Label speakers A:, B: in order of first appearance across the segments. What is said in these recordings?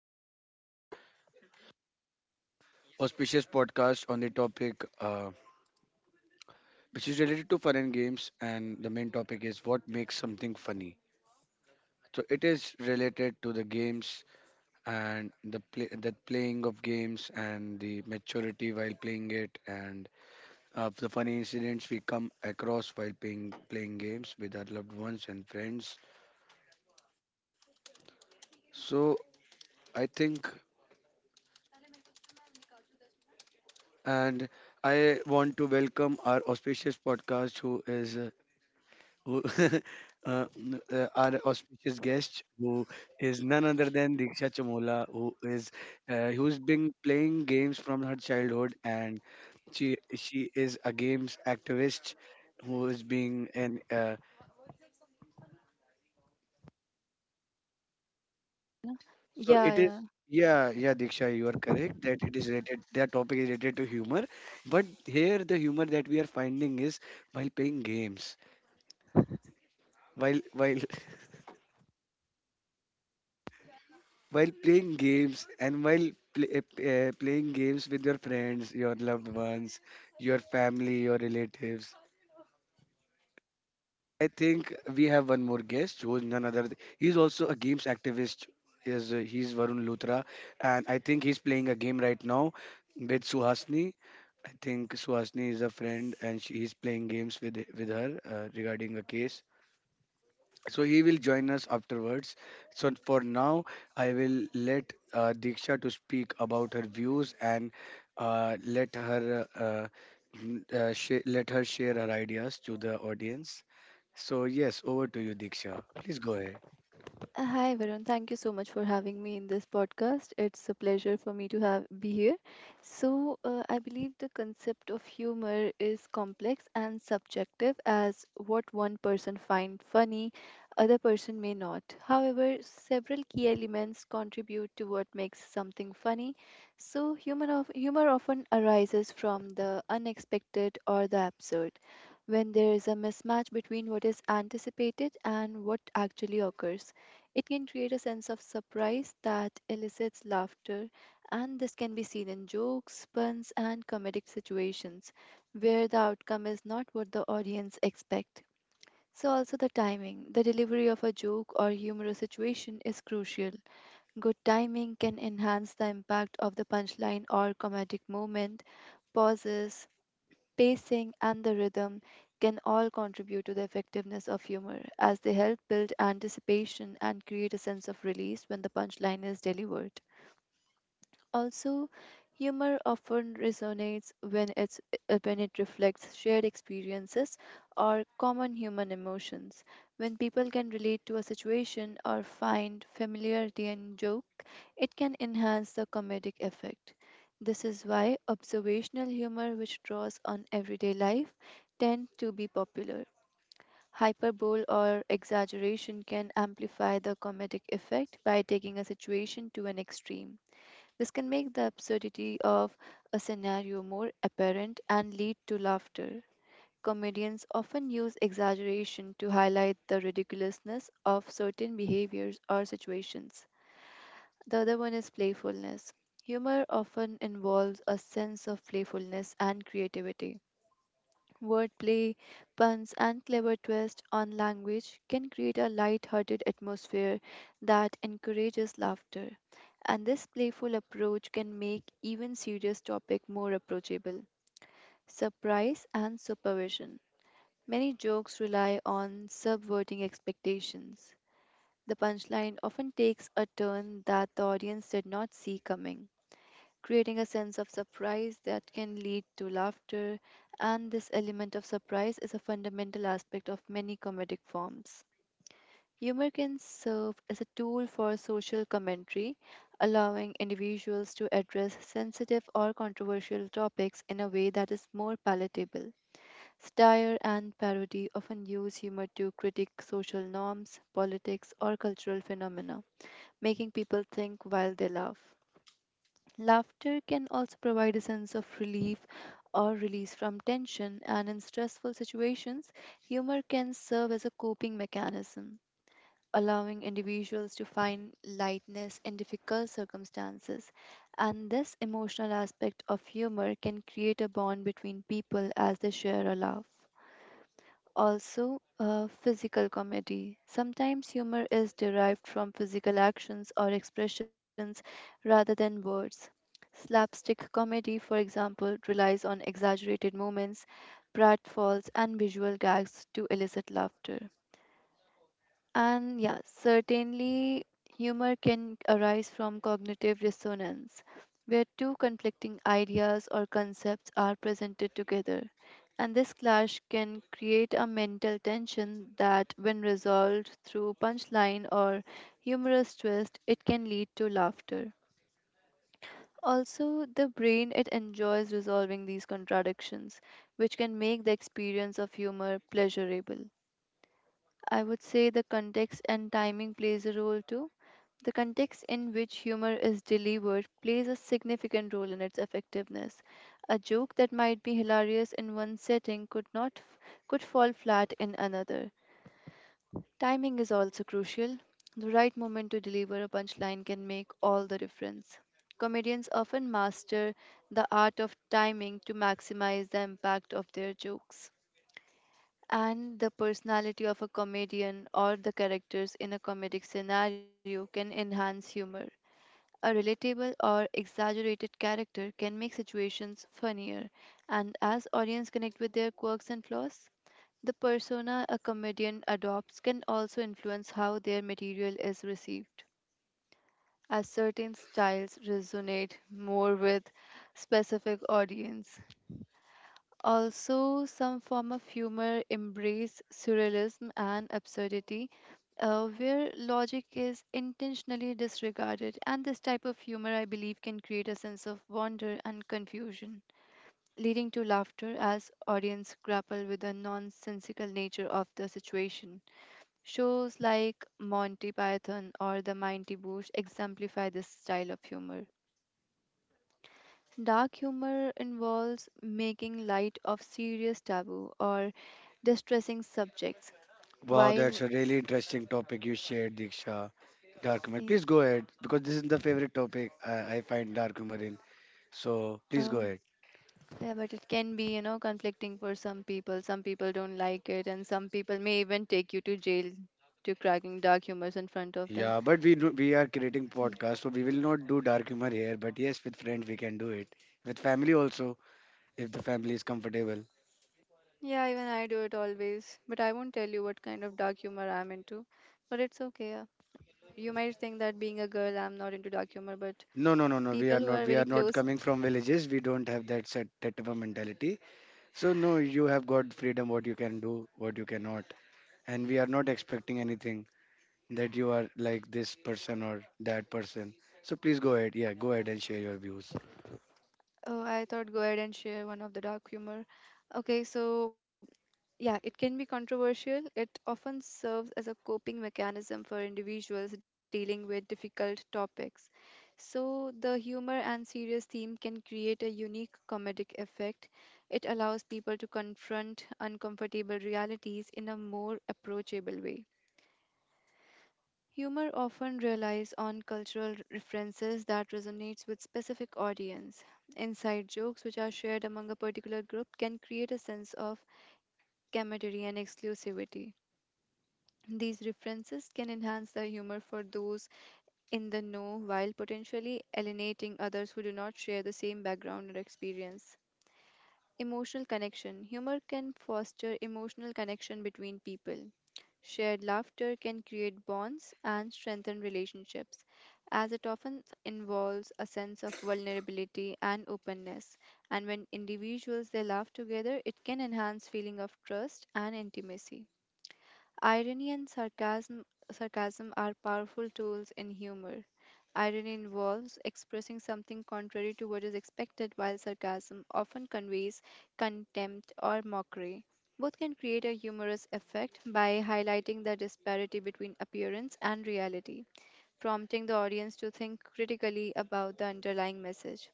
A: everyone to our auspicious podcast on the topic which is related to fun and games, and the main topic is what makes something funny. So it is related to the games and the play, the playing of games and the maturity while playing it and the funny incidents we come across while playing games with our loved ones and friends. So I think and I want to welcome our auspicious podcast who is who our auspicious guest, who is none other than Diksha Chamola, who is who's been playing games from her childhood, and she is a games activist who is being an so
B: Yeah,
A: it is
B: yeah.
A: yeah, Diksha, you are correct that it is related that topic is related to humor, but here the humor that we are finding is while playing games. While while playing games and while pl- uh, playing games with your friends, your loved ones, your family, your relatives. I think we have one more guest who is none other he's also a games activist, is he's Varun Luthra, and I think he's playing a game right now with Suhasni. I think Suhasni is a friend and she, he's playing games with her regarding a case. So he will join us afterwards. So for now, I will let Diksha to speak about her views and let her let her share her ideas to the audience. So yes, over to you, Diksha. Please go ahead.
B: Hi, Varun. Thank you so much for having me in this podcast. It's a pleasure for me to have be here. So, I believe the concept of humor is complex and subjective as what one person finds funny, other person may not. However, several key elements contribute to what makes something funny. So, humor often arises from the unexpected or the absurd. When there is a mismatch between what is anticipated and what actually occurs. It can create a sense of surprise that elicits laughter, and this can be seen in jokes, puns, and comedic situations where the outcome is not what the audience expect. So also the timing, the delivery of a joke or humorous situation is crucial. Good timing can enhance the impact of the punchline or comedic moment, pauses, pacing, and the rhythm can all contribute to the effectiveness of humor, as they help build anticipation and create a sense of release when the punchline is delivered. Also, humor often resonates when it reflects shared experiences or common human emotions. When people can relate to a situation or find familiarity in joke, it can enhance the comedic effect. This is why observational humor which draws on everyday life tend to be popular. Hyperbole or exaggeration can amplify the comedic effect by taking a situation to an extreme. This can make the absurdity of a scenario more apparent and lead to laughter. Comedians often use exaggeration to highlight the ridiculousness of certain behaviors or situations. The other one is playfulness. Humor often involves a sense of playfulness and creativity. Wordplay, puns, and clever twists on language can create a light-hearted atmosphere that encourages laughter. And this playful approach can make even serious topic more approachable. Surprise and supervision. Many jokes rely on subverting expectations. The punchline often takes a turn that the audience did not see coming creating a sense of surprise that can lead to laughter, and this element of surprise is a fundamental aspect of many comedic forms. Humor can serve as a tool for social commentary, allowing individuals to address sensitive or controversial topics in a way that is more palatable. Satire and parody often use humor to critique social norms, politics, or cultural phenomena, making people think while they laugh. Laughter can also provide a sense of relief or release from tension, and in stressful situations, humor can serve as a coping mechanism, allowing individuals to find lightness in difficult circumstances. And this emotional aspect of humor can create a bond between people as they share a laugh. Also, physical comedy. Sometimes humor is derived from physical actions or expressions rather than words. Slapstick comedy, for example, relies on exaggerated moments, pratfalls, and visual gags to elicit laughter. And yeah, certainly humor can arise from cognitive dissonance, where two conflicting ideas or concepts are presented together. And this clash can create a mental tension that, when resolved through punchline or humorous twist, it can lead to laughter. Also, the brain it enjoys resolving these contradictions, which can make the experience of humor pleasurable. I would say the context and timing plays a role too. The context in which humor is delivered plays a significant role in its effectiveness. A joke that might be hilarious in one setting could not f- could fall flat in another. Timing is also crucial. The right moment to deliver a punchline can make all the difference. Comedians often master the art of timing to maximize the impact of their jokes. And the personality of a comedian or the characters in a comedic scenario can enhance humor. A relatable or exaggerated character can make situations funnier, and as audience connect with their quirks and flaws, the persona a comedian adopts can also influence how their material is received, as certain styles resonate more with specific audience. Also, some form of humor embrace surrealism and absurdity, where logic is intentionally disregarded. And this type of humor, I believe, can create a sense of wonder and confusion, leading to laughter as audience grapple with the nonsensical nature of the situation. Shows like Monty Python or The Mighty Boosh exemplify this style of humor. Dark humor involves making light of serious taboo or distressing subjects,
A: Wow, that's
B: while
A: a really interesting topic you shared, Diksha. Dark humor.
B: i-
A: Please go ahead because this is the favorite topic I find dark humor in. So please
B: uh,
A: go ahead.
B: yeah, but it can be conflicting for some people. Some people don't like it, and some people may even take you to jail to cracking dark humors in front of them.
A: Yeah, but we do, we are creating podcast, so we will not do dark humor here. But yes, with friends we can do it. With family also, if the family is comfortable.
B: Yeah, even I do it always, but I won't tell you what kind of dark humor I'm into. But it's okay. Yeah. You might think that being a girl, I'm not into dark humor, but
A: No, no, no, no. We are
B: people
A: not.
B: who
A: We
B: are
A: are
B: very
A: not coming
B: close.
A: from villages. We don't have that set that type of mentality. So no, you have got freedom. What you can do, what you cannot, and we are not expecting anything that you are like this person or that person. So please go ahead. Yeah, go ahead and share your views.
B: Oh, I thought go ahead and share one of the dark humor. Okay, so yeah, it can be controversial. It often serves as a coping mechanism for individuals dealing with difficult topics. So the humor and serious theme can create a unique comedic effect. It allows people to confront uncomfortable realities in a more approachable way. Humor often relies on cultural references that resonates with specific audience. Inside jokes which are shared among a particular group can create a sense of camaraderie and exclusivity. These references can enhance the humor for those in the know while potentially alienating others who do not share the same background or experience. Emotional connection. Humor can foster emotional connection between people. Shared laughter can create bonds and strengthen relationships, as it often involves a sense of vulnerability and openness. And when individuals they laugh together, it can enhance feeling of trust and intimacy. Irony and sarcasm, Sarcasm are powerful tools in humor. Irony involves expressing something contrary to what is expected, while sarcasm often conveys contempt or mockery. Both can create a humorous effect by highlighting the disparity between appearance and reality, prompting the audience to think critically about the underlying message.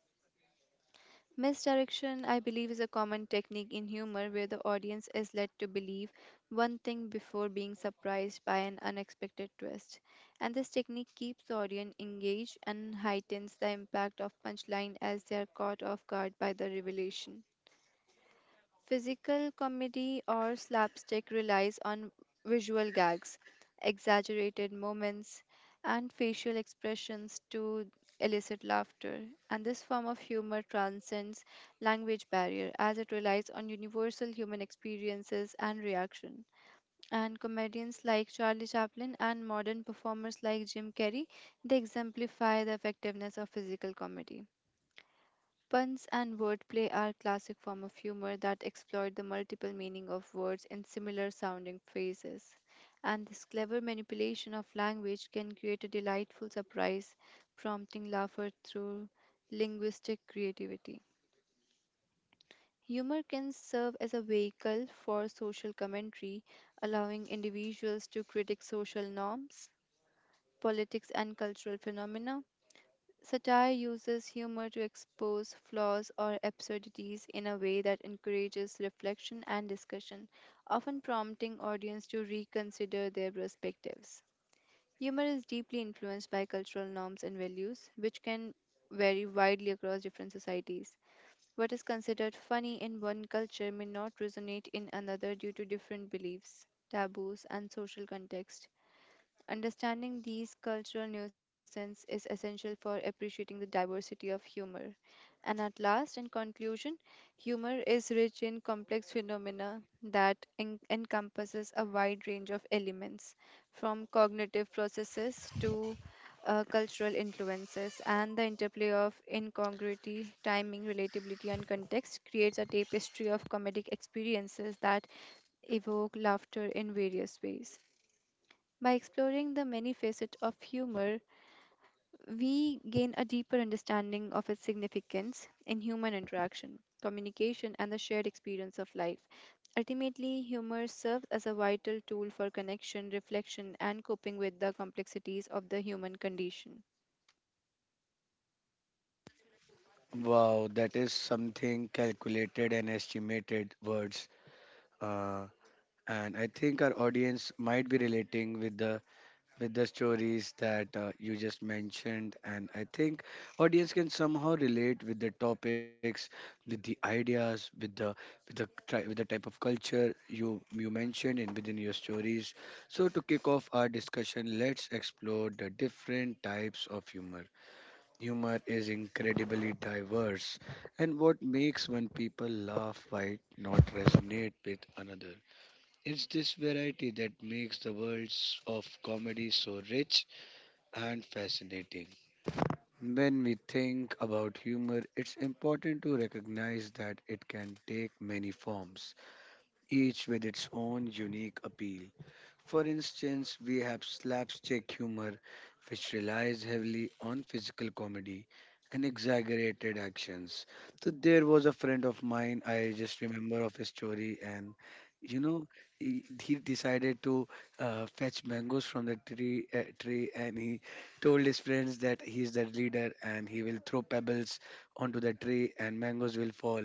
B: Misdirection, I believe, is a common technique in humor where the audience is led to believe one thing before being surprised by an unexpected twist. And this technique keeps the audience engaged and heightens the impact of punchline as they are caught off guard by the revelation. Physical comedy or slapstick relies on visual gags, exaggerated moments, and facial expressions to elicit laughter. And this form of humor transcends language barrier as it relies on universal human experiences and reaction. And comedians like Charlie Chaplin and modern performers like Jim Carrey, they exemplify the effectiveness of physical comedy. Puns and wordplay are classic form of humor that exploit the multiple meaning of words in similar sounding phrases. And this clever manipulation of language can create a delightful surprise, prompting laughter through linguistic creativity. Humor can serve as a vehicle for social commentary, allowing individuals to critique social norms, politics, and cultural phenomena. Satire uses humor to expose flaws or absurdities in a way that encourages reflection and discussion, often prompting audience to reconsider their perspectives. Humor is deeply influenced by cultural norms and values, which can vary widely across different societies. What is considered funny in one culture may not resonate in another due to different beliefs, taboos, and social context. Understanding these cultural nuances is essential for appreciating the diversity of humor. And at last, in conclusion, humor is rich in complex phenomena that encompasses a wide range of elements, from cognitive processes to cultural influences, and the interplay of incongruity, timing, relatability, and context creates a tapestry of comedic experiences that evoke laughter in various ways. By exploring the many facets of humor, we gain a deeper understanding of its significance in human interaction, communication, and the shared experience of life. Ultimately, humor serves as a vital tool for connection, reflection, and coping with the complexities of the human condition.
A: Wow, that is something calculated and estimated words. Uh, and I think our audience might be relating with the stories that you just mentioned, and I think audience can somehow relate with the topics, with the ideas, with the with the with the type of culture you mentioned in within your stories. So to kick off our discussion, let's explore the different types of humor. Humor is incredibly diverse, and what makes one people laugh might not resonate with another. It's this variety that makes the worlds of comedy so rich and fascinating. When we think about humor, it's important to recognize that it can take many forms, each with its own unique appeal. For instance, we have slapstick humor, which relies heavily on physical comedy and exaggerated actions. So there was a friend of mine, I just remember of his story, and you know, he decided to fetch mangoes from the tree, and he told his friends that he is the leader and he will throw pebbles onto the tree and mangoes will fall.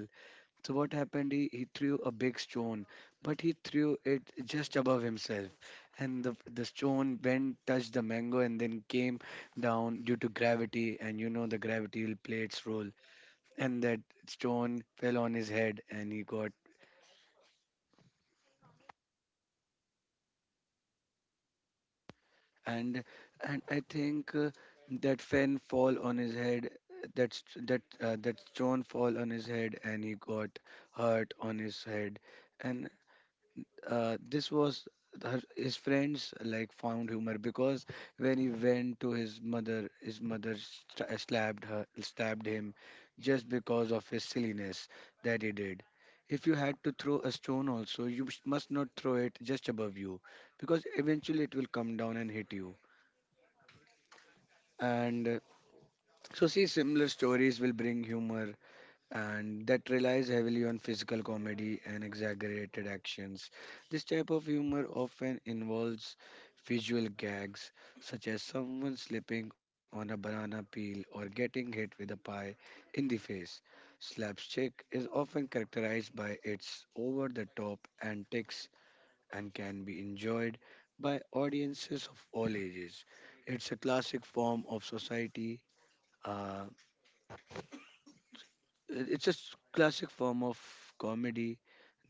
A: So what happened? He threw a big stone, but he threw it just above himself, and the stone bent, touched the mango, and then came down due to gravity. And you know the gravity will play its role, and that stone fell on his head, and he got and and I think that fen fall on his head. That st- that that stone fall on his head, and he got hurt on his head, and this was his friends like found humor because when he went to his mother slapped her, stabbed him, just because of his silliness that he did. If you had to throw a stone, also you must not throw it just above you, because eventually it will come down and hit you. And so, see, similar stories will bring humor and that relies heavily on physical comedy and exaggerated actions. This type of humor often involves visual gags, such as someone slipping on a banana peel or getting hit with a pie in the face. Slapstick is often characterized by its over the top antics and can be enjoyed by audiences of all ages. It's a classic form of society. Uh, classic form of comedy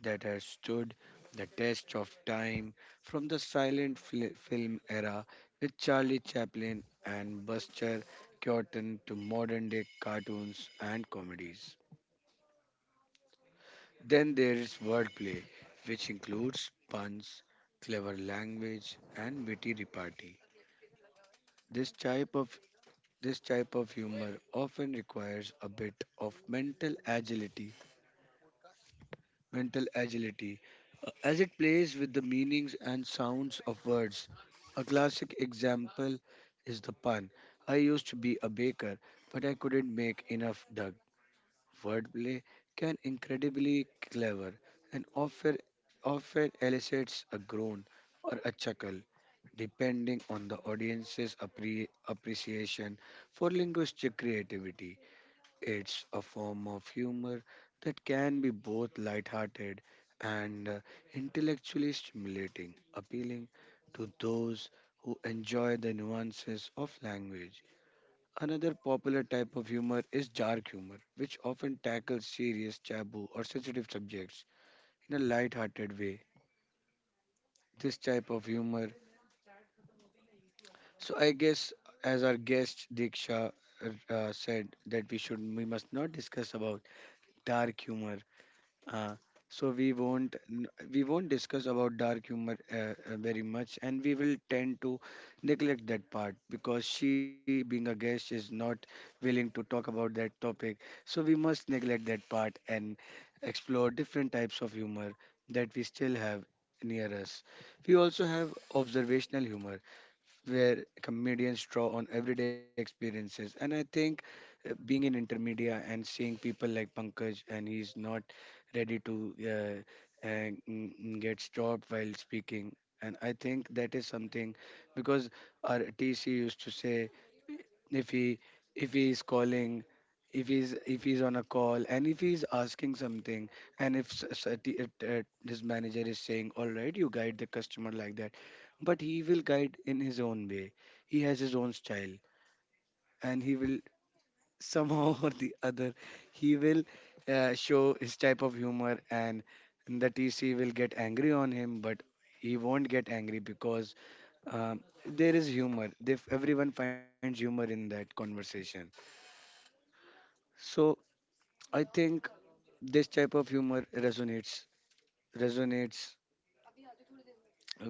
A: that has stood the test of time from the silent film era with Charlie Chaplin and Buster Keaton to modern day cartoons and comedies. Then there is wordplay, which includes puns, clever language, and witty repartee. This type of this type of humor often requires a bit of mental agility, as it plays with the meanings and sounds of words. A classic example is the pun. I used to be a baker, but I couldn't make enough dough. Wordplay can incredibly clever and often elicits a groan or a chuckle, depending on the audience's appreciation for linguistic creativity. It's a form of humor that can be both lighthearted and intellectually stimulating, appealing to those who enjoy the nuances of language. Another popular type of humor is dark humor, which often tackles serious, taboo, or sensitive subjects in a lighthearted way. This type of humor. So I guess, as our guest Diksha said, that we should we must not discuss about dark humor. Uh, so we won't n- we won't discuss about dark humor very much, and we will tend to neglect that part because she, being a guest, is not willing to talk about that topic. So we must neglect that part and explore different types of humor that we still have near us. We also have observational humor, where comedians draw on everyday experiences. And I think being in intermedia and seeing people like Pankaj, and he's not ready to get stopped while speaking. And I think that is something because our TC used to say if he if he is calling if he's on a call and if he's asking something and if s- s- t- t- his manager is saying all right you guide the customer like that, but he will guide in his own way. He has his own style, and he will somehow or the other, he will show his type of humor, and the TC will get angry on him, but he won't get angry because there is humor. If everyone finds humor in that conversation, so I think this type of humor resonates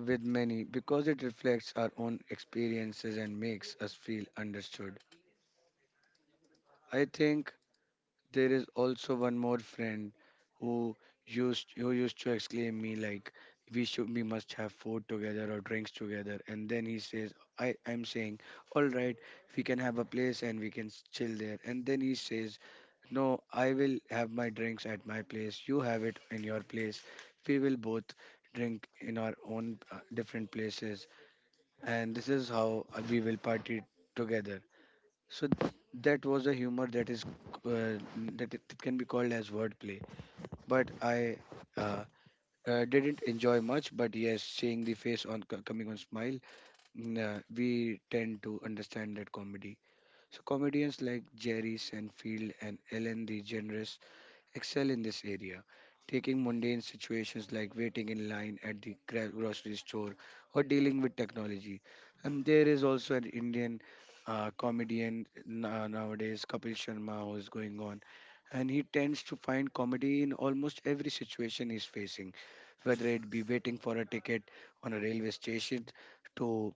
A: with many because it reflects our own experiences and makes us feel understood. I think there is also one more friend who who used to exclaim me like we should we must have food together or drinks together and then he says I'm saying all right, we can have a place and we can chill there, and then he says no, I will have my drinks at my place, you have it in your place, we will both drink in our own different places, and this is how we will party together. so th- that was a humor that is uh, that it can be called as wordplay. But I uh, didn't enjoy much. But yes, seeing the face on coming on smile, we tend to understand that comedy. So comedians like Jerry Seinfeld and Ellen DeGeneres excel in this area, taking mundane situations like waiting in line at the grocery store or dealing with technology. And there is also an Indian comedian nowadays, Kapil Sharma, who is going on. And he tends to find comedy in almost every situation he's facing, whether it be waiting for a ticket on a railway station, to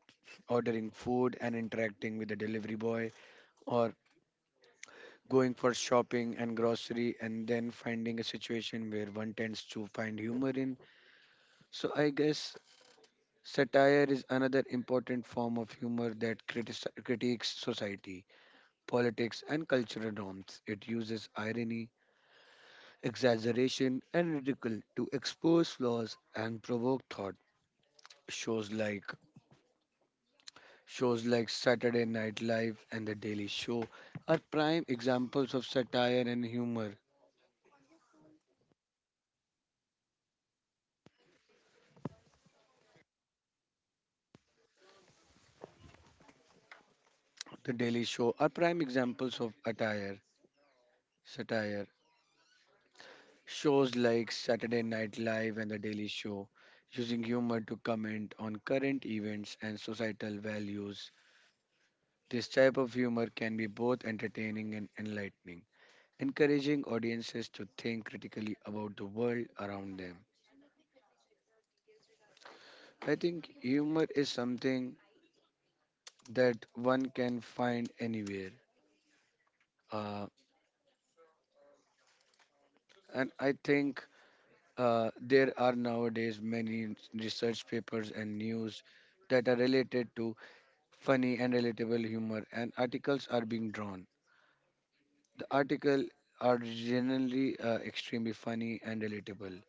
A: ordering food and interacting with the delivery boy, or going for shopping and grocery and then finding a situation where one tends to find humor in. So I guess satire is another important form of humor that critiques society, politics, and cultural norms. It uses irony, exaggeration, and ridicule to expose flaws and provoke thought. Shows like shows like Saturday Night Live and The Daily Show are prime examples of satire and humor. The Daily Show are prime examples of attire satire. Shows like Saturday Night Live and The Daily Show, using humor to comment on current events and societal values. This type of humor can be both entertaining and enlightening, encouraging audiences to think critically about the world around them. I think humor is something that one can find anywhere. Uh, and I think there are nowadays many research papers and news that are related to funny and relatable humor and articles are being drawn. The article are generally extremely funny and relatable.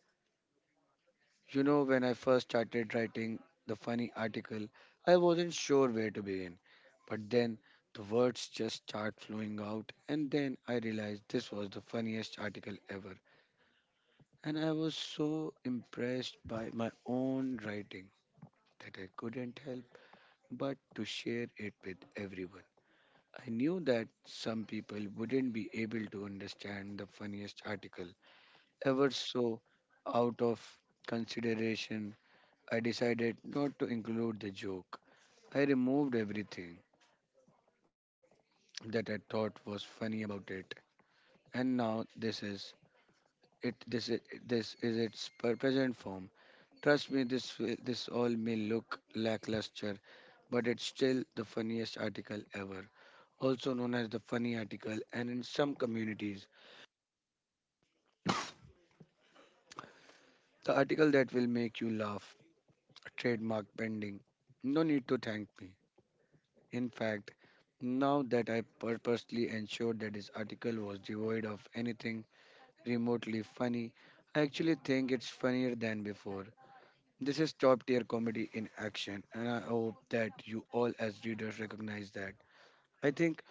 A: You know, when I first started writing the funny article, I wasn't sure where to begin. But then the words just start flowing out, and then I realized this was the funniest article ever. And I was so impressed by my own writing that I couldn't help but to share it with everyone. I knew that some people wouldn't be able to understand the funniest article ever, so out of consideration, I decided not to include the joke. I removed everything that I thought was funny about it, and now this is it. This is its present form. Trust me, this all may look lackluster, but it's still the funniest article ever, also known as the funny article, and in some communities. The article that will make you laugh, trademark pending. No need to thank me. In fact, now that I purposely ensured that this article was devoid of anything remotely funny, I actually think it's funnier than before. This is top tier comedy in action, and I hope that you all, as readers, recognize that. I think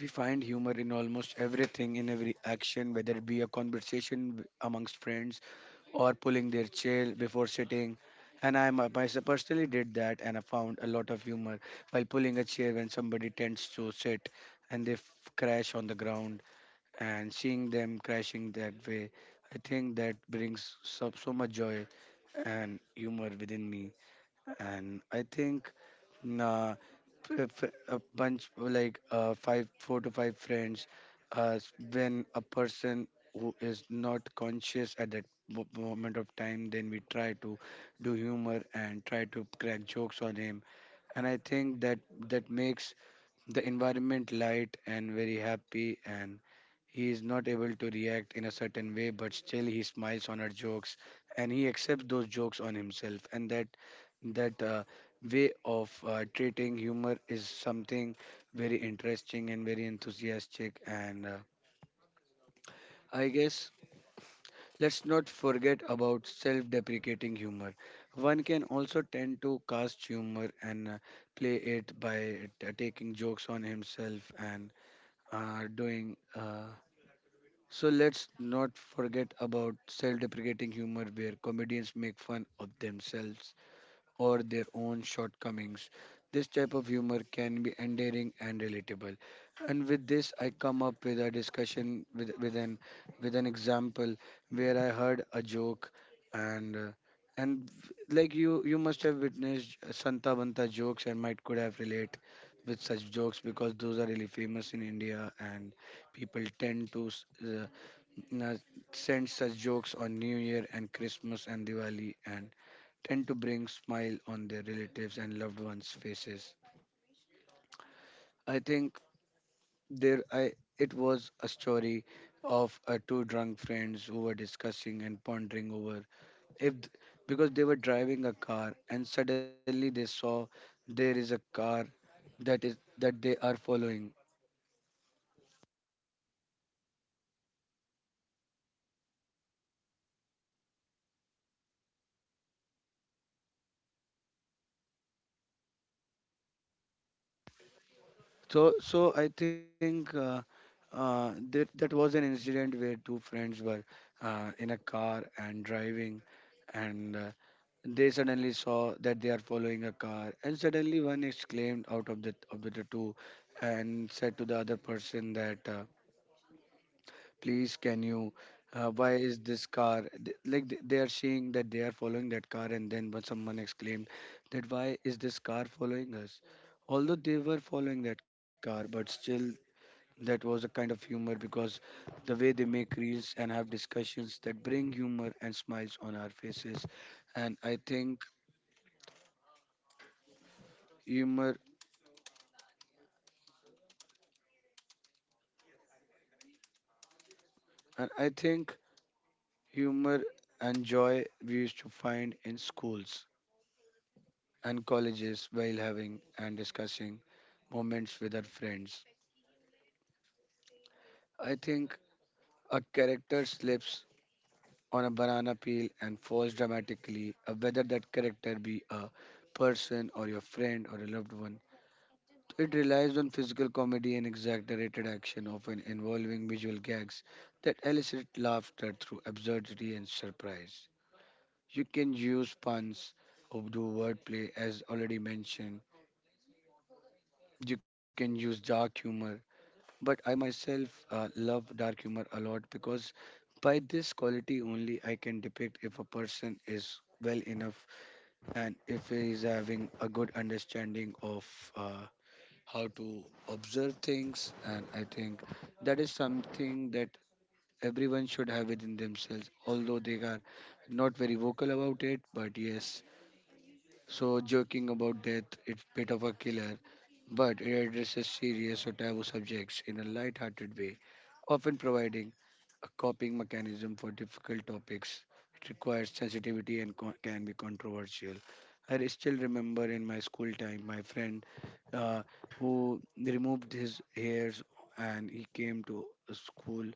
A: we find humor in almost everything in every action, whether it be a conversation amongst friends or pulling their chair before sitting. And myself personally did that, and I found a lot of humor while pulling a chair when somebody tends to sit and they crash on the ground. And seeing them crashing that way, I think that brings so, so much joy and humor within me. And I think uh, a bunch like five four to five friends when a person who is not conscious at that moment of time then we try to do humor and try to crack jokes on him, and I think that makes the environment light and very happy, and he is not able to react in a certain way, but still he smiles on her jokes and he accepts those jokes on himself. And that that way of treating humor is something very interesting and very enthusiastic. And I guess let's not forget about self-deprecating humor. One can also tend to cast humor and play it by taking jokes on himself and doing. So let's not forget about self deprecating humor, where comedians make fun of themselves or their own shortcomings. This type of humor can be endearing and relatable. And with this, I come up with a discussion with an example where I heard a joke and uh, and like you must have witnessed Santa Banta jokes and might could have relate with such jokes because those are really famous in India, and people tend to uh, send such jokes on New Year and Christmas and Diwali and tend to bring smile on their relatives and loved ones' faces. I think there I it was a story of two drunk friends who were discussing and pondering over if th- because they were driving a car and suddenly they saw there is a car that they are following. So I think that was an incident where two friends were in a car and driving, and they suddenly saw that they are following a car, and suddenly one exclaimed out of the two, and said to the other person that, "Please, can you? Why is this car they are seeing that they are following that car?" And then when someone exclaimed that, "Why is this car following us?" Although they were following that car, but still that was a kind of humor because the way they make reels and have discussions that bring humor and smiles on our faces. And i think humor and i think humor and joy we used to find in schools and colleges while having and discussing moments with our friends. I think a character slips on a banana peel and falls dramatically, whether that character be a person or your friend or a loved one. It relies on physical comedy and exaggerated action, often involving visual gags that elicit laughter through absurdity and surprise. You can use puns, do wordplay, as already mentioned. You can use dark humor, but I myself love dark humor a lot because by this quality only I can depict if a person is well enough and if he is having a good understanding of uh, how to observe things, and I think that is something that everyone should have within themselves, although they are not very vocal about it. But yes, so joking about death, it's bit of a killer, but it addresses serious or taboo subjects in a light-hearted way, often providing a coping mechanism for difficult topics. It requires sensitivity and can be controversial. Still remember in my school time, my friend uh, who removed his hairs and he came to a school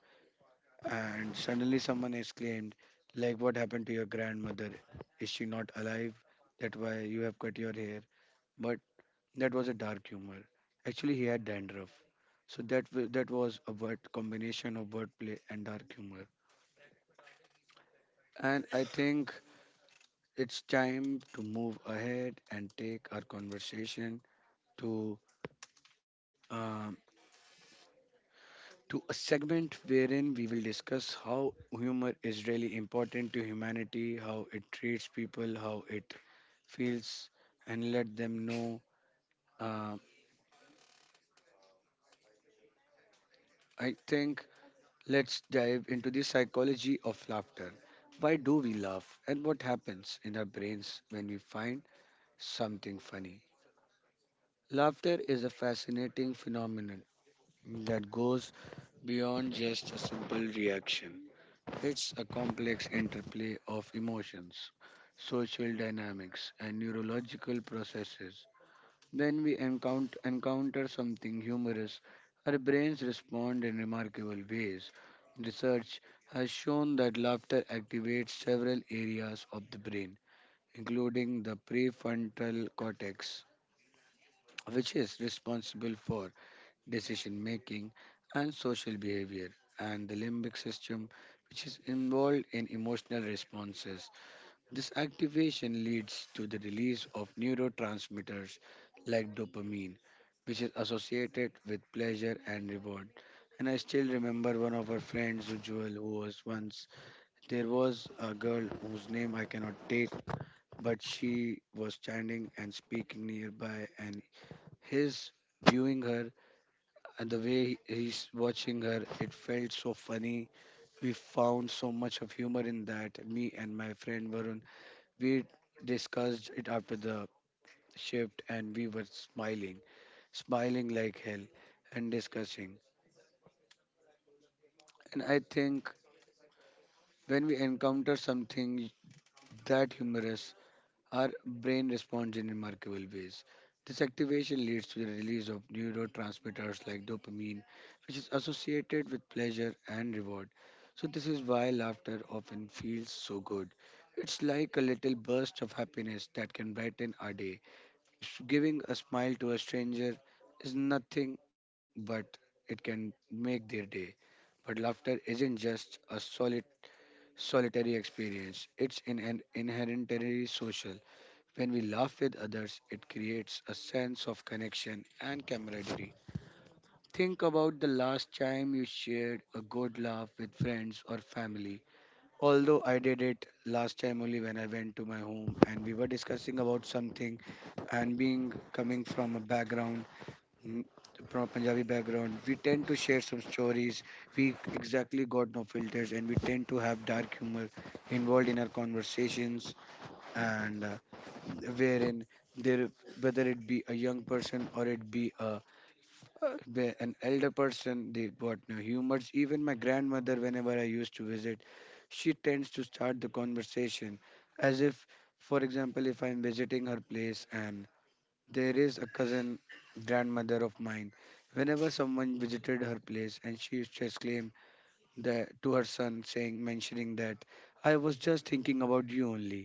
A: and suddenly someone exclaimed like what happened to your grandmother, is she not alive, that why you have cut your hair. But that was a dark humor. Actually he had dandruff, so that was a word combination of wordplay and dark humor. And I think it's time to move ahead and take our conversation to uh, to a segment wherein we will discuss how humor is really important to humanity, how it treats people, how it feels, and let them know. Uh, I think let's dive into the psychology of laughter. Why do we laugh, and what happens in our brains when we find something funny? Laughter is a fascinating phenomenon that goes beyond just a simple reaction. It's a complex interplay of emotions, social dynamics, and neurological processes. When we encounter something humorous, our brains respond in remarkable ways. Research has shown that laughter activates several areas of the brain, including the prefrontal cortex, which is responsible for decision making, and social behavior, and the limbic system, which is involved in emotional responses. This activation leads to the release of neurotransmitters like dopamine, which is associated with pleasure and reward. And I still remember one of our friends, Ujjwal, who was once there was a girl whose name I cannot take, but she was standing and speaking nearby, and his viewing her and the way he's watching her, it felt so funny. We found so much of humor in that. Me and my friend Varun, we discussed it after the shift, and we were smiling, smiling like hell, and discussing. And I think when we encounter something that humorous, our brain responds in remarkable ways. This activation leads to the release of neurotransmitters like dopamine, which is associated with pleasure and reward. So, this is why laughter often feels so good. It's like a little burst of happiness that can brighten our day. Giving a smile to a stranger is nothing but it can make their day. But laughter isn't just a solid solitary experience. It's in an inherently social. When we laugh with others, it creates a sense of connection and camaraderie. Think about the last time you shared a good laugh with friends or family. Although I did it last time only when I went to my home and we were discussing about something and being coming from a background, mm, from a Punjabi background, we tend to share some stories. We exactly got no filters and we tend to have dark humor involved in our conversations, and wherein there whether it be a young person or it be a be an elder person, they got no humors. Even my grandmother, whenever I used to visit, she tends to start the conversation as if, for example, if I'm visiting her place and there is a cousin grandmother of mine, whenever someone visited her place and she used to exclaim that to her son saying mentioning that I was just thinking about you only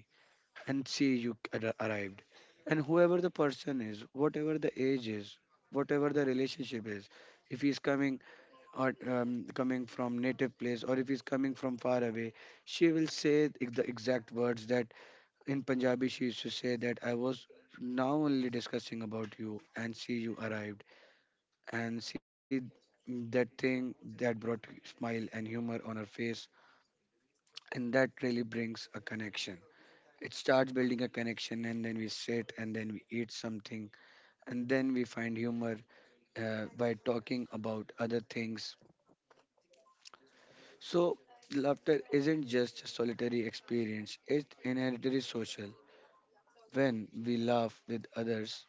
A: and see you arrived. And whoever the person is, whatever the age is, whatever the relationship is, if he's coming or coming from native place or if he's coming from far away, she will say the exact words that in Punjabi she used to say that I was now only discussing about you and see you arrived. And see, that thing that brought smile and humor on her face and that really brings a connection, it starts building a connection, and then we sit and then we eat something, and then we find humor by talking about other things. So, laughter isn't just a solitary experience, it's inherently social. When we laugh with others,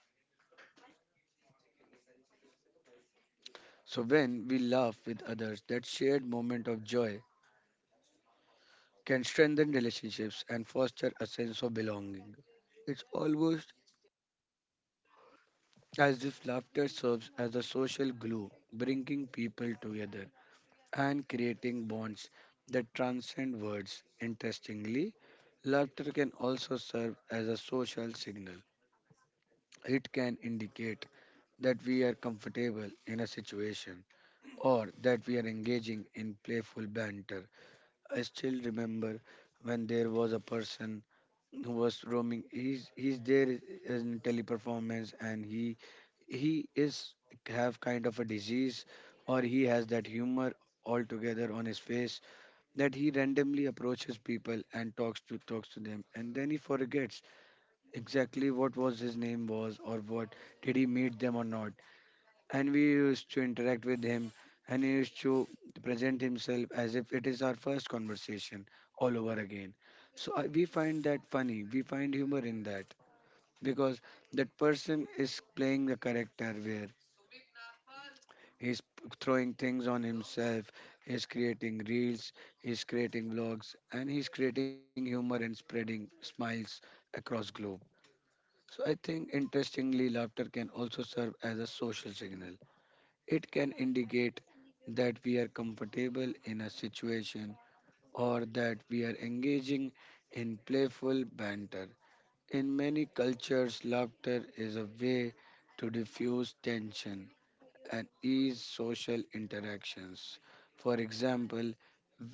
A: that shared moment of joy can strengthen relationships and foster a sense of belonging. It's almost as if laughter serves as a social glue, bringing people together, and creating bonds that transcend words. Interestingly, laughter can also serve as a social signal. It can indicate that we are comfortable in a situation or that we are engaging in playful banter. I still remember when there was a person who was roaming, he's there in teleperformance, and he is have kind of a disease, or he has that humor altogether on his face, that he randomly approaches people and talks to them, and then he forgets exactly what was his name was, or what did he meet them or not. And we used to interact with him, and he used to present himself as if it is our first conversation all over again. So we find that funny. We find humor in that because that person is playing the character where he's throwing things on himself. He's creating reels. He's creating vlogs, and he's creating humor and spreading smiles across globe. So I think, interestingly, laughter can also serve as a social signal. It can indicate that we are comfortable in a situation or that we are engaging in playful banter. In many cultures, laughter is a way to diffuse tension and ease social interactions. For example,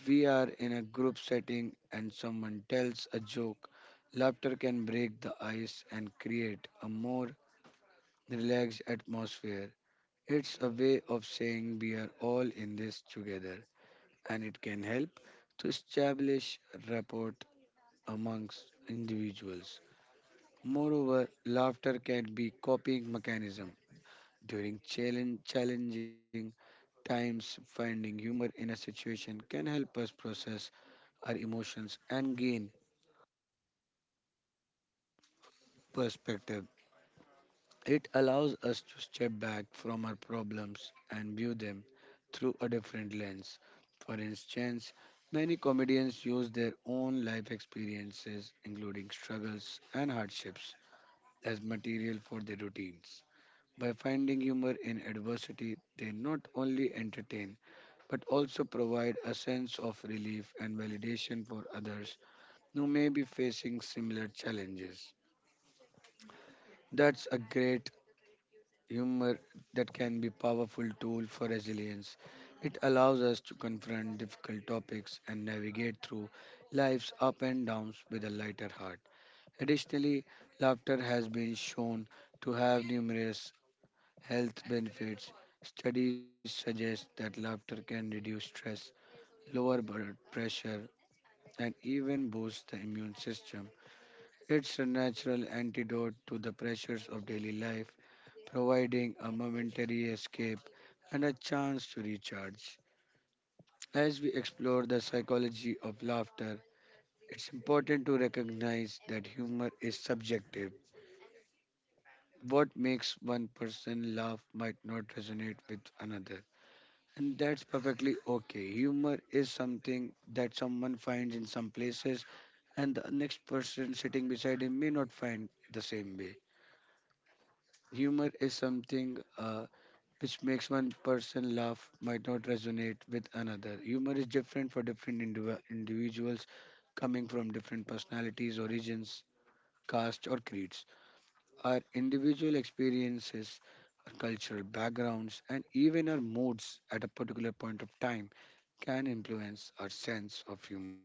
A: we are in a group setting and someone tells a joke. Laughter can break the ice and create a more relaxed atmosphere. It's a way of saying we are all in this together, and it can help to establish rapport amongst individuals. Moreover, laughter can be coping mechanism during challenging times. Finding humor in a situation can help us process our emotions and gain perspective. It allows us to step back from our problems and view them through a different lens. For instance, many comedians use their own life experiences, including struggles and hardships, as material for their routines. By finding humor in adversity, they not only entertain but also provide a sense of relief and validation for others who may be facing similar challenges. That's a great humor that can be powerful tool for resilience. It allows us to confront difficult topics and navigate through life's up and downs with a lighter heart. Additionally, laughter has been shown to have numerous health benefits. Studies suggest that laughter can reduce stress, lower blood pressure, and even boosts the immune system. It's a natural antidote to the pressures of daily life, providing a momentary escape and a chance to recharge. As we explore the psychology of laughter, it's important to recognize that humor is subjective. What makes one person laugh might not resonate with another. And that's perfectly okay. Humor is something that someone finds in some places and the next person sitting beside him may not find the same way. Humor is something which makes one person laugh might not resonate with another. Humor is different for different individuals coming from different personalities, origins, caste, or creeds. Our individual experiences, our cultural backgrounds, and even our moods at a particular point of time can influence our sense of humor.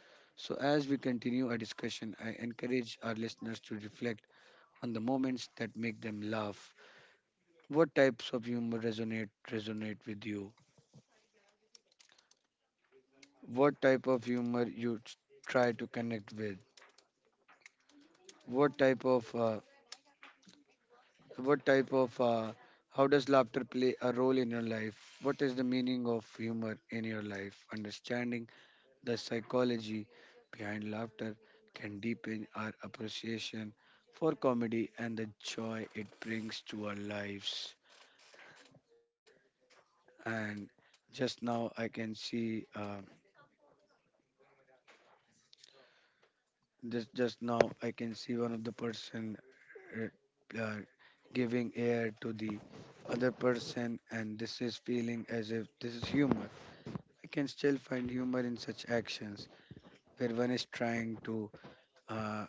A: So, as we continue our discussion, I encourage our listeners to reflect on the moments that make them laugh. What types of humor resonate with you? What type of humor you try to connect with? What type of uh, what type of how does laughter play a role in your life? What is the meaning of humor in your life? Understanding the psychology behind laughter can deepen our appreciation for comedy and the joy it brings to our lives. And just now, I can see. Just now, I can see one of the person uh, uh, giving air to the other person, and this is feeling as if this is humor. I can still find humor in such actions where one is trying to uh,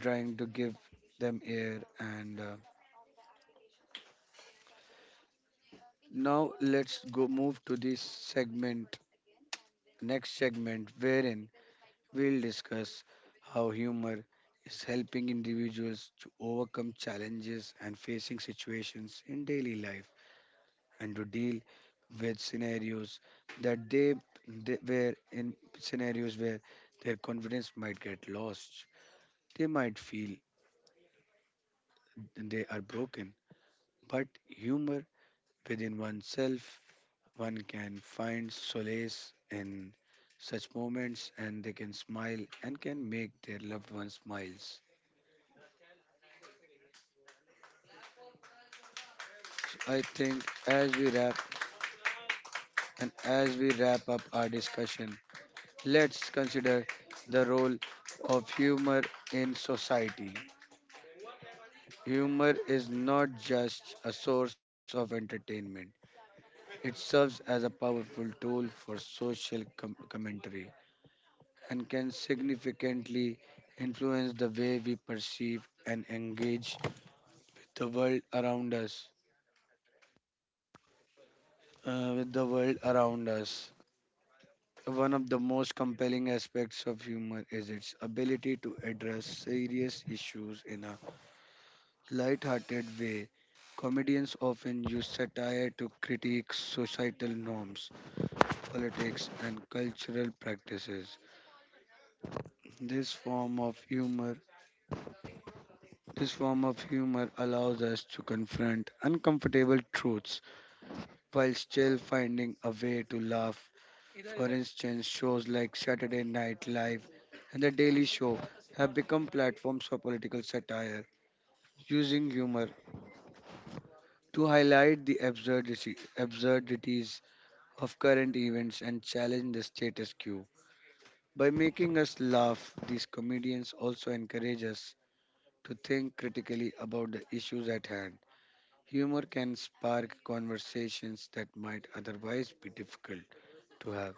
A: trying to give them air. And now let's go move to this next segment, wherein we'll discuss how humor is helping individuals to overcome challenges and facing situations in daily life, and to deal with scenarios that they were in, scenarios where their confidence might get lost. They might feel they are broken, but humor within oneself, one can find solace in such moments, and they can smile and can make their loved ones smiles. I think as we wrap up our discussion, let's consider the role of humor in society. Humor is not just a source of entertainment, it serves as a powerful tool for social commentary and can significantly influence the way we perceive and engage the world around us. uh, with the world around us. One of the most compelling aspects of humor is its ability to address serious issues in a light-hearted way. Comedians often use satire to critique societal norms, politics, and cultural practices. This form of humor, this form of humor allows us to confront uncomfortable truths while still finding a way to laugh. For instance, shows like Saturday Night Live and The Daily Show have become platforms for political satire, using humor to highlight the absurdities of current events and challenge the status quo. By making us laugh, these comedians also encourage us to think critically about the issues at hand. Humor can spark conversations that might otherwise be difficult to have,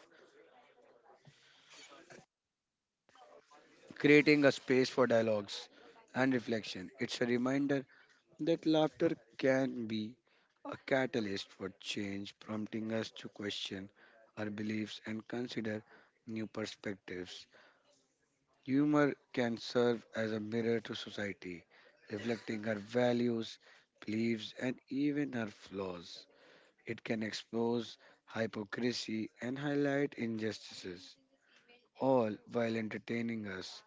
A: creating a space for dialogues and reflection. It's a reminder that laughter can be a catalyst for change, prompting us to question our beliefs and consider new perspectives. Humor can serve as a mirror to society, reflecting our values, beliefs, and even our flaws. It can expose hypocrisy and highlight injustices, all while entertaining us.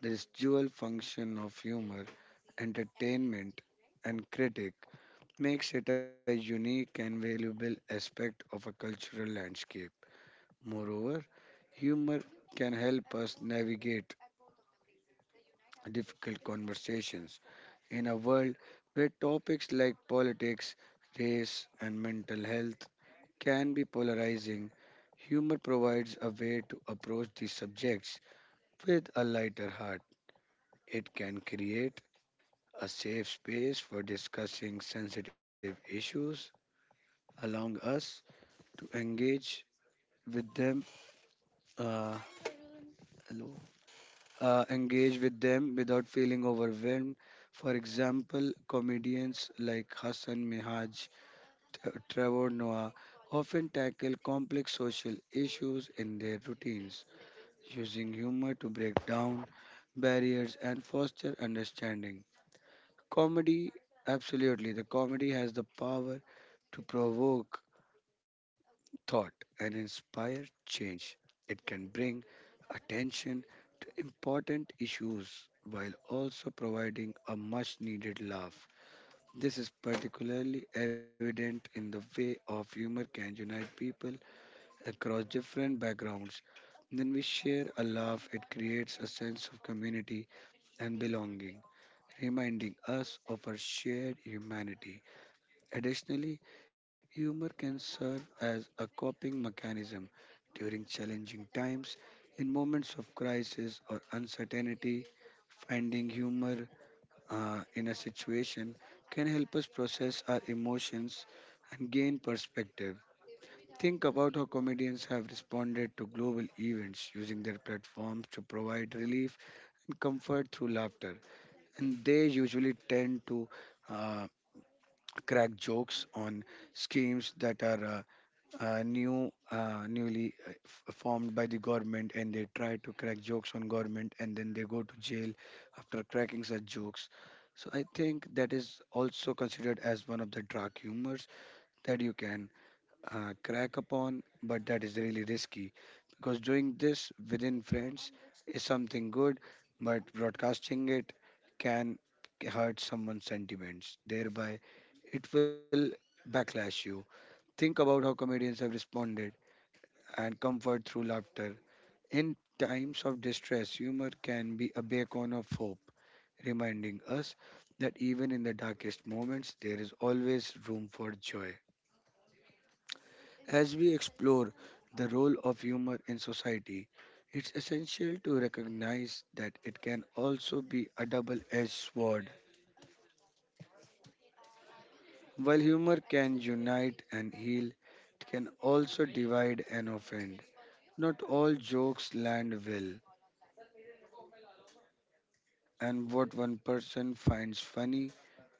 A: This dual function of humor, entertainment, and critic, makes it a unique and valuable aspect of a cultural landscape. Moreover, humor can help us navigate difficult conversations in a world where topics like politics, race, and mental health can be polarizing. Humor provides a way to approach these subjects with a lighter heart. It can create a safe space for discussing sensitive issues, allowing us to engage with them, uh, hello, engage with them without feeling overwhelmed. For example, comedians like Hassan Minhaj, Trevor Noah often tackle complex social issues in their routines, using humor to break down barriers and foster understanding. Comedy, absolutely, the comedy has the power to provoke thought and inspire change. It can bring attention to important issues while also providing a much needed laugh. This is particularly evident in the way of humor can unite people across different backgrounds. When we share a laugh, it creates a sense of community and belonging, reminding us of our shared humanity. Additionally, humor can serve as a coping mechanism during challenging times. In moments of crisis or uncertainty, finding humor in a situation can help us process our emotions and gain perspective. Think about how comedians have responded to global events, using their platforms to provide relief and comfort through laughter. And they usually tend to uh, crack jokes on schemes that are new, newly formed by the government, and they try to crack jokes on government and then they go to jail after cracking such jokes. So I think that is also considered as one of the dark humors that you can crack upon, but that is really risky, because doing this within friends is something good, but broadcasting it can hurt someone's sentiments, thereby it will backlash you. Think about how comedians have responded and comfort through laughter. In times of distress, humor can be a beacon of hope, reminding us that even in the darkest moments, there is always room for joy. As we explore the role of humor in society, it's essential to recognize that it can also be a double edged sword. While humor can unite and heal, it can also divide and offend. Not all jokes land well, and what one person finds funny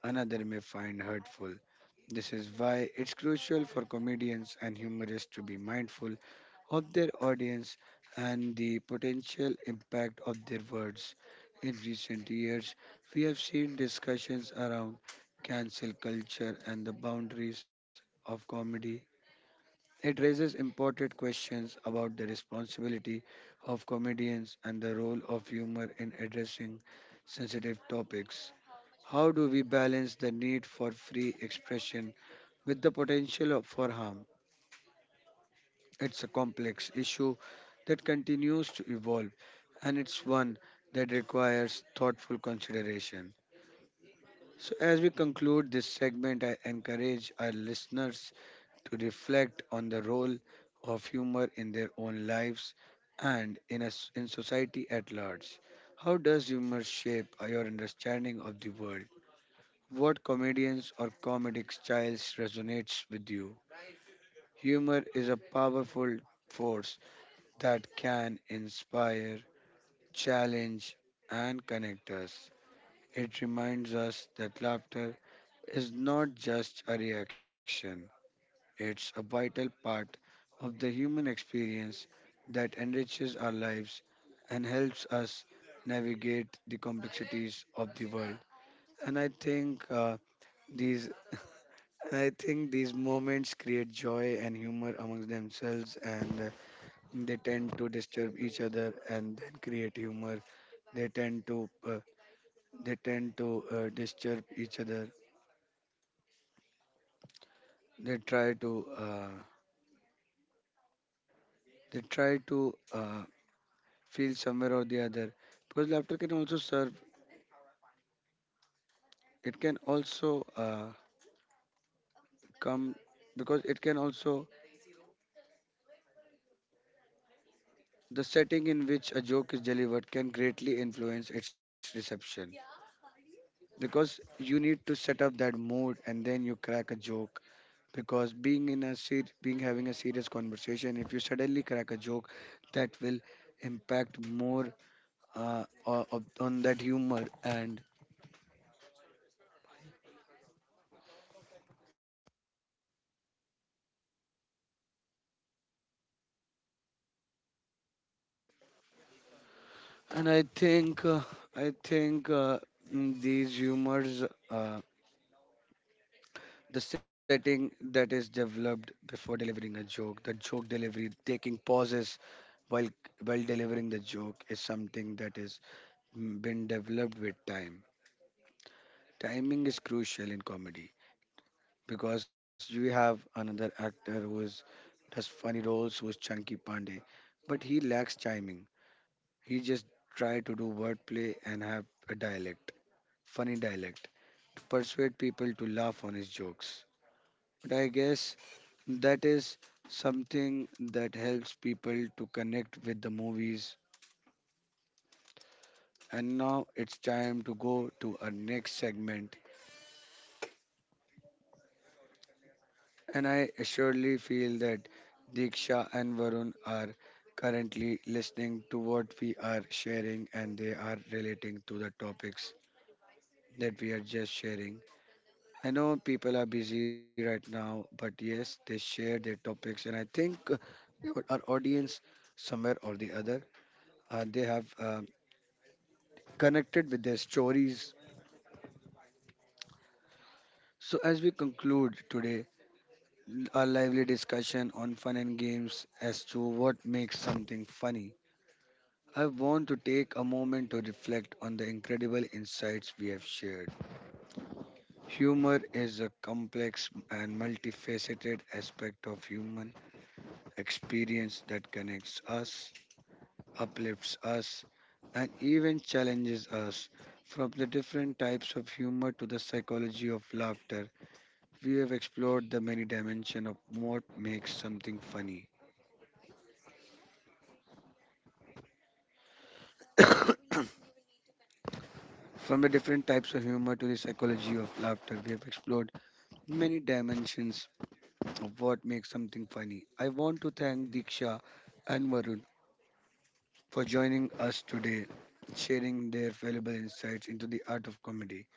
A: another may find hurtful. This is why it's crucial for comedians and humorists to be mindful of their audience and the potential impact of their words. In recent years, we have seen discussions around cancel culture and the boundaries of comedy. It raises important questions about the responsibility of comedians and the role of humor in addressing sensitive topics. How do we balance the need for free expression with the potential for harm? It's a complex issue that continues to evolve, and it's one that requires thoughtful consideration. So, as we conclude this segment, I encourage our listeners to reflect on the role of humor in their own lives and us in society at large. How does humor shape your understanding of the world? What comedians or comedic styles resonates with you? Humor is a powerful force that can inspire, challenge, and connect us. It reminds us that laughter is not just a reaction, it's a vital part of the human experience that enriches our lives and helps us navigate the complexities of the world. And I think uh, these And I think these moments create joy and humor amongst themselves, and they tend to disturb each other and then create humor. They tend to uh, they tend to disturb each other. They try to uh, they try to feel somewhere or the other because laughter can also serve. It can also come because it can also The setting in which a joke is delivered can greatly influence its reception. Because you need to set up that mood and then you crack a joke, because being in a being having a serious conversation, if you suddenly crack a joke, that will impact more, on that humor. And I think mm, these humors uh, the setting that is developed before delivering a joke, the joke delivery, taking pauses while while delivering the joke, is something that has been developed with time. Timing is crucial in comedy because you have another actor who does funny roles, who is Chunky Pandey, but he lacks timing. He just try to do wordplay and have a dialect, funny dialect, to persuade people to laugh on his jokes. But I guess that is something that helps people to connect with the movies. And now it's time to go to our next segment, and I assuredly feel that Diksha and Varun are currently listening to what we are sharing and they are relating to the topics that we are just sharing. I know people are busy right now, but yes, they share their topics, and I think our audience, somewhere or the other, they have connected with their stories. So, as we conclude today our lively discussion on fun and games as to what makes something funny, I want to take a moment to reflect on the incredible insights we have shared. Humor is a complex and multifaceted aspect of human experience that connects us, uplifts us, and even challenges us. From the different types of humor to the psychology of laughter, we have explored the many dimensions of what makes something funny. From the different types of humor to the psychology of laughter, we have explored many dimensions of what makes something funny. I want to thank Diksha and Varun for joining us today, sharing their valuable insights into the art of comedy.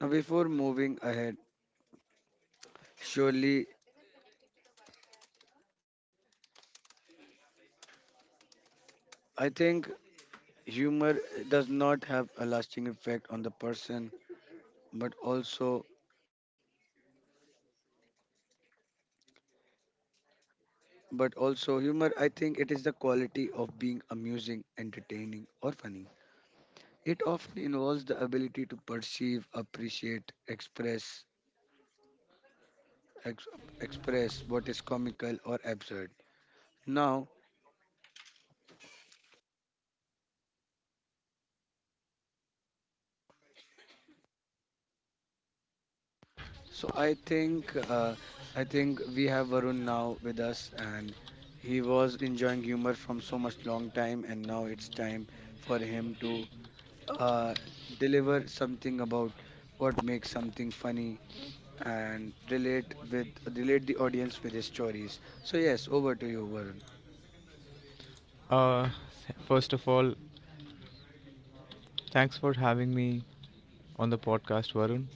A: Now, before moving ahead, surely I think humor does not have a lasting effect on the person, but also, but also, humor, I think it is the quality of being amusing, entertaining, or funny. It often involves the ability to perceive, appreciate, express, ex- express what is comical or absurd. Now, so I think we have Varun now with us, and he was enjoying humor from so much long time, and now it's time for him to uh, deliver something about what makes something funny and relate the audience with his stories. So, yes, over to you, Varun.
C: Uh, First of all, thanks for having me on the podcast, Varun.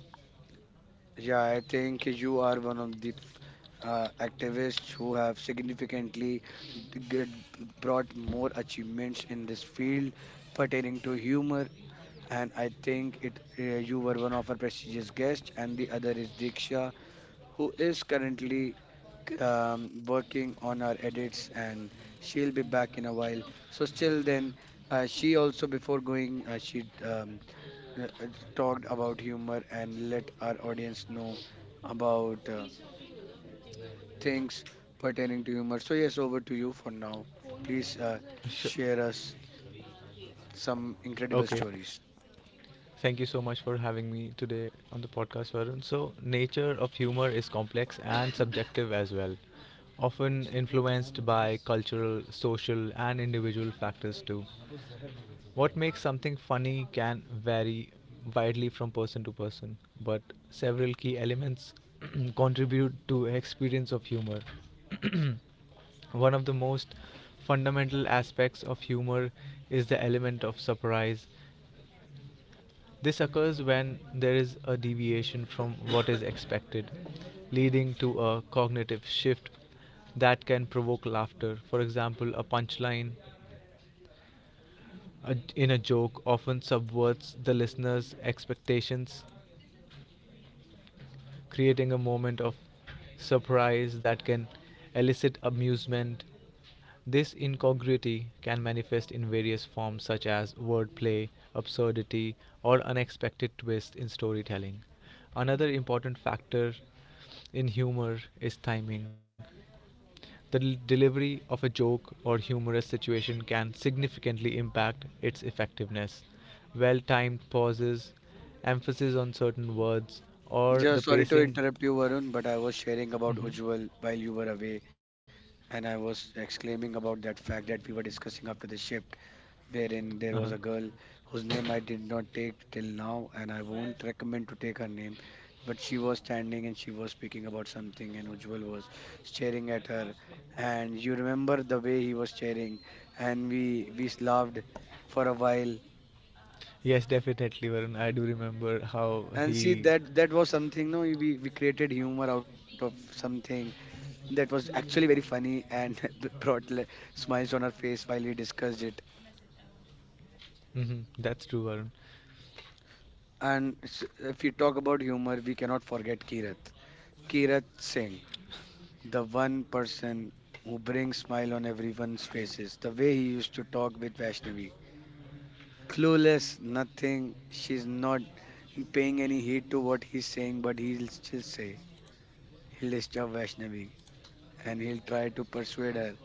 A: Yeah, I think you are one of the activists who have significantly d- g- brought more achievements in this field pertaining to humor. And I think it you were one of our prestigious guests, and the other is Diksha, who is currently working on our edits, and she'll be back in a while. So, still then, she also before going, she uh, uh, talked about humor and let our audience know about things pertaining to humor. So, yes, over to you for now. Please,
C: Sure.
A: share us some incredible
C: Okay.
A: stories.
C: Thank you so much for having me today on the podcast, Varun. So, nature of humor is complex and subjective as well, often influenced by cultural, social, and individual factors too. What makes something funny can vary widely from person to person, but several key elements contribute to experience of humor. One of the most fundamental aspects of humor is the element of surprise. This occurs when there is a deviation from what is expected, leading to a cognitive shift that can provoke laughter. For example, in a joke often subverts the listener's expectations, creating a moment of surprise that can elicit amusement. This incongruity can manifest in various forms such as wordplay, absurdity, or unexpected twists in storytelling. Another important factor in humor is timing. Delivery of a joke or humorous situation can significantly impact its effectiveness. Well timed pauses, emphasis on certain words, or the
A: Just sorry to
C: pacing.
A: interrupt you, Varun, but I was sharing about
C: Mhm.
A: Ujjwal while you were away, and I was exclaiming about that fact that we were discussing after the shift, wherein there
C: Uh-huh.
A: was a girl whose name I did not take till now, and I won't recommend to take her name. But she was standing and she was speaking about something, and Ujjwal was staring at her. And you remember the way he was staring, and we laughed for a while.
C: Yes, definitely, Varun. I do remember how
A: And see
C: he.
A: that that was something. No, we created humor out of something that was actually very funny and brought smiles on her face while we discussed it.
C: Mhm. That's true, Varun.
A: And if we talk about humor, we cannot forget Kirat. Kirat Singh, the one person who brings smile on everyone's faces. The way he used to talk with Vaishnavi. Clueless, nothing. She's not paying any heed to what he's saying, but he'll still say. He'll disturb Vaishnavi and he'll try to persuade her.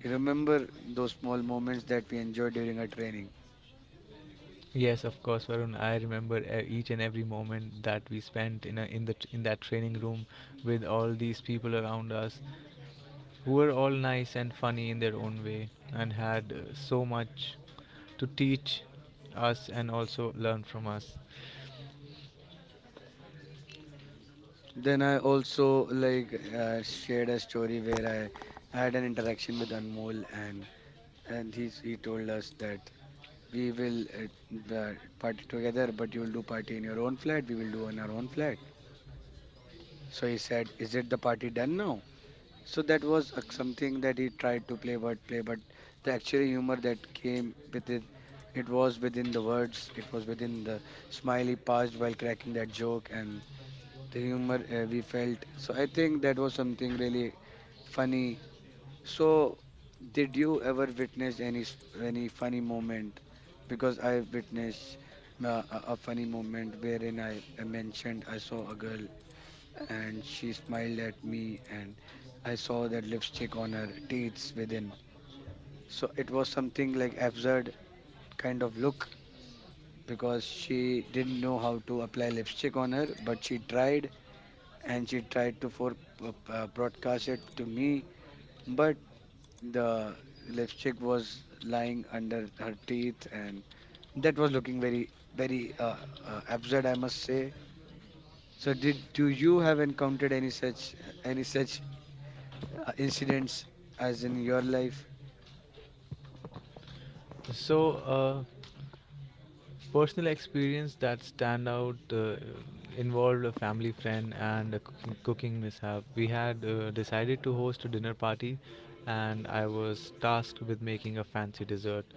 A: You remember those small moments that we enjoyed during our training?
C: Yes, of course, Varun. I remember each and every moment that we spent in a, in the tr- in that training room with all these people around us, who were all nice and funny in their own way and had so much to teach us and also learn from us.
A: Then I also like shared a story where I had an interaction with Anmol, and he told us that we will, party together, but you will do party in your own flat. We will do in our own flat. So he said, "Is it the party done now?" So that was something that he tried to play wordplay, but the actual humor that came with it, it was within the words, it was within the smile he passed while cracking that joke and the humor we felt. So I think that was something really funny. So, did you ever witness any any funny moment? Because I witnessed a funny moment wherein I mentioned I saw a girl and she smiled at me, and I saw that lipstick on her teeth within. So it was something like absurd kind of look, because she didn't know how to apply lipstick on her, but she tried and she tried to for broadcast it to me, but the lipstick was lying under her teeth, and that was looking very, very absurd, I must say. So, did do you have encountered any such any such incidents as in your life?
C: So, personal experience that stand out involved a family friend and a cooking mishap. We had decided to host a dinner party, and I was tasked with making a fancy dessert.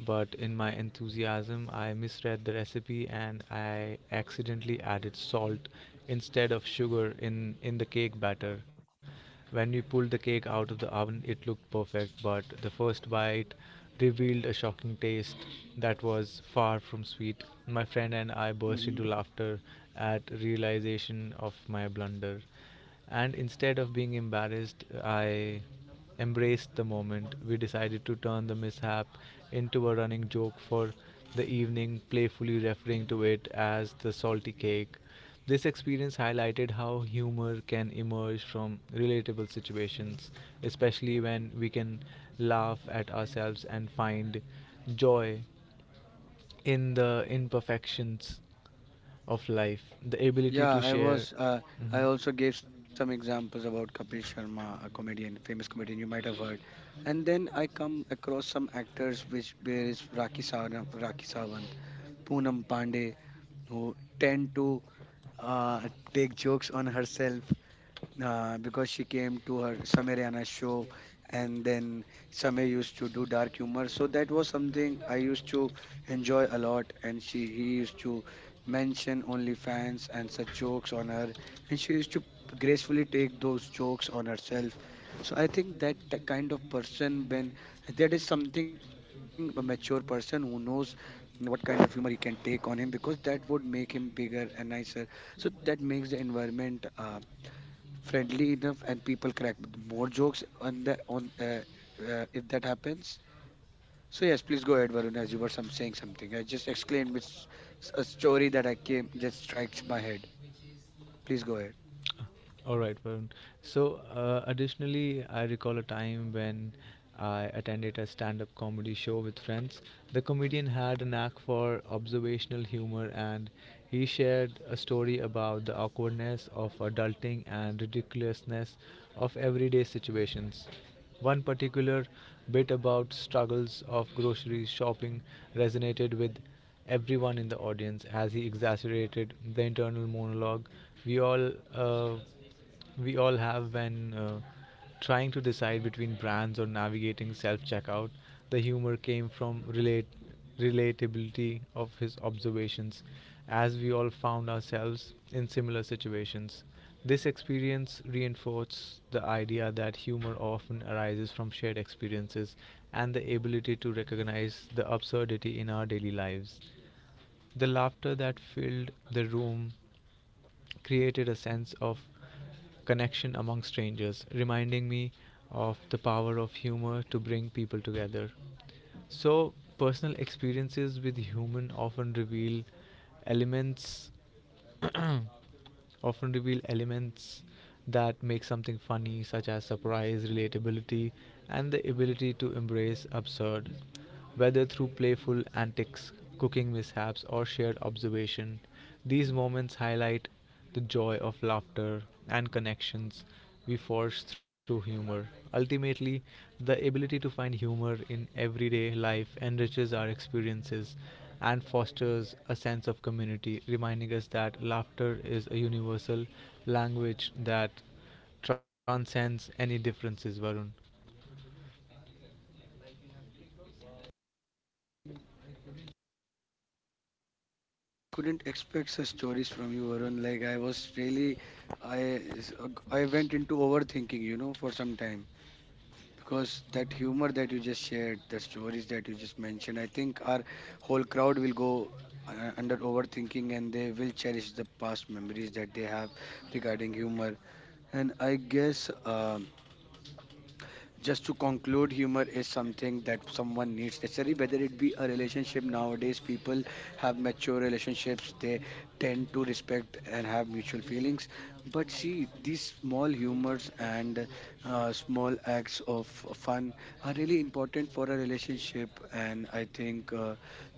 C: But in my enthusiasm, I misread the recipe and I accidentally added salt instead of sugar in the cake batter. When we pulled the cake out of the oven, it looked perfect, but the first bite revealed a shocking taste that was far from sweet. My friend and I burst into
A: Hmm.
C: laughter at realization of my blunder, and instead of being embarrassed, I embraced the moment. We decided to turn the mishap into a running joke for the evening, playfully referring to it as the salty cake. This experience highlighted how humor can emerge from relatable situations, especially when we can laugh at ourselves and find joy in the imperfections of life, the ability
A: Yeah,
C: to
A: I
C: share.
A: was. I
C: Mhm.
A: also gave some examples about Kapil Sharma, a comedian, famous comedian you might have heard. And then I come across some actors, which there is Raki Sawant, Poonam Pandey, who tend to uh, take jokes on herself, because she came to her Samir show, and then Samir used to do dark humor. So that was something I used to enjoy a lot. And she he used to mention OnlyFans and such jokes on her, and she used to gracefully take those jokes on herself. So I think that kind of person, when that is something a mature person who knows what kind of humor he can take on him, because that would make him bigger and nicer, so that makes the environment friendly enough and people crack more jokes on the on if that happens. So yes, please go ahead, Varun, as you were some saying something. I just exclaimed with a story that I came that strikes my head. Please go ahead.
C: All right, Varun. So, additionally, I recall a time when I attended a stand-up comedy show with friends. The comedian had a knack for observational humor, and he shared a story about the awkwardness of adulting and ridiculousness of everyday situations. One particular bit about struggles of grocery shopping resonated with everyone in the audience as he exaggerated the internal monologue we all uh, we all have when trying to decide between brands or navigating self-checkout. The humor came from relate relatability of his observations, as we all found ourselves in similar situations. This experience reinforced the idea that humor often arises from shared experiences and the ability to recognize the absurdity in our daily lives. The laughter that filled the room created a sense of connection among strangers, reminding me of the power of humor to bring people together. So, personal experiences with human elements often reveal elements that make something funny, such as surprise, relatability, and the ability to embrace absurd. Whether through playful antics, cooking mishaps, or shared observation, these moments highlight the joy of laughter and connections we forge through humor. Ultimately, the ability to find humor in everyday life enriches our experiences and fosters a sense of community, reminding us that laughter is a universal language that transcends any differences, Varun.
A: Couldn't expect such stories from you, Varun. Like I was really, I, s- I went into overthinking, you know, for some time, because that humor that you just shared, the stories that you just mentioned, I think our whole crowd will go under overthinking and they will cherish the past memories that they have regarding humor. And I guess, just to conclude, humor is something that someone needs necessary, whether it be a relationship. Nowadays people have mature relationships, they tend to respect and have mutual feelings, but see these small humors and small acts of fun are really important for a relationship. And I think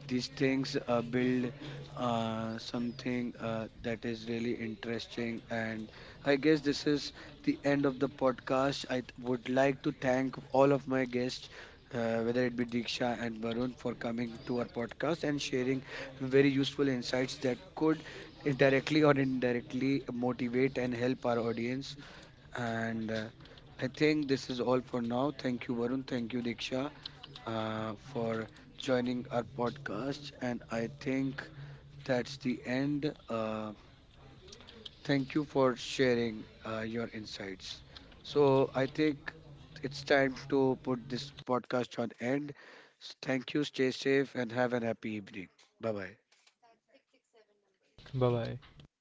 A: these things build something that is really interesting. And I guess this is the end of the podcast. I would like to thank all of my guests, whether it be Diksha and Varun, for coming to our podcast and sharing very useful insights that could directly or indirectly motivate and help our audience. And I think this is all for now. Thank you, Varun. Thank you, Diksha, for joining our podcast. And I think that's the end. Thank you for sharing your insights. So I think it's time to put this podcast on end. Thank you. Stay safe and have an happy evening. Bye bye.
C: Bye bye.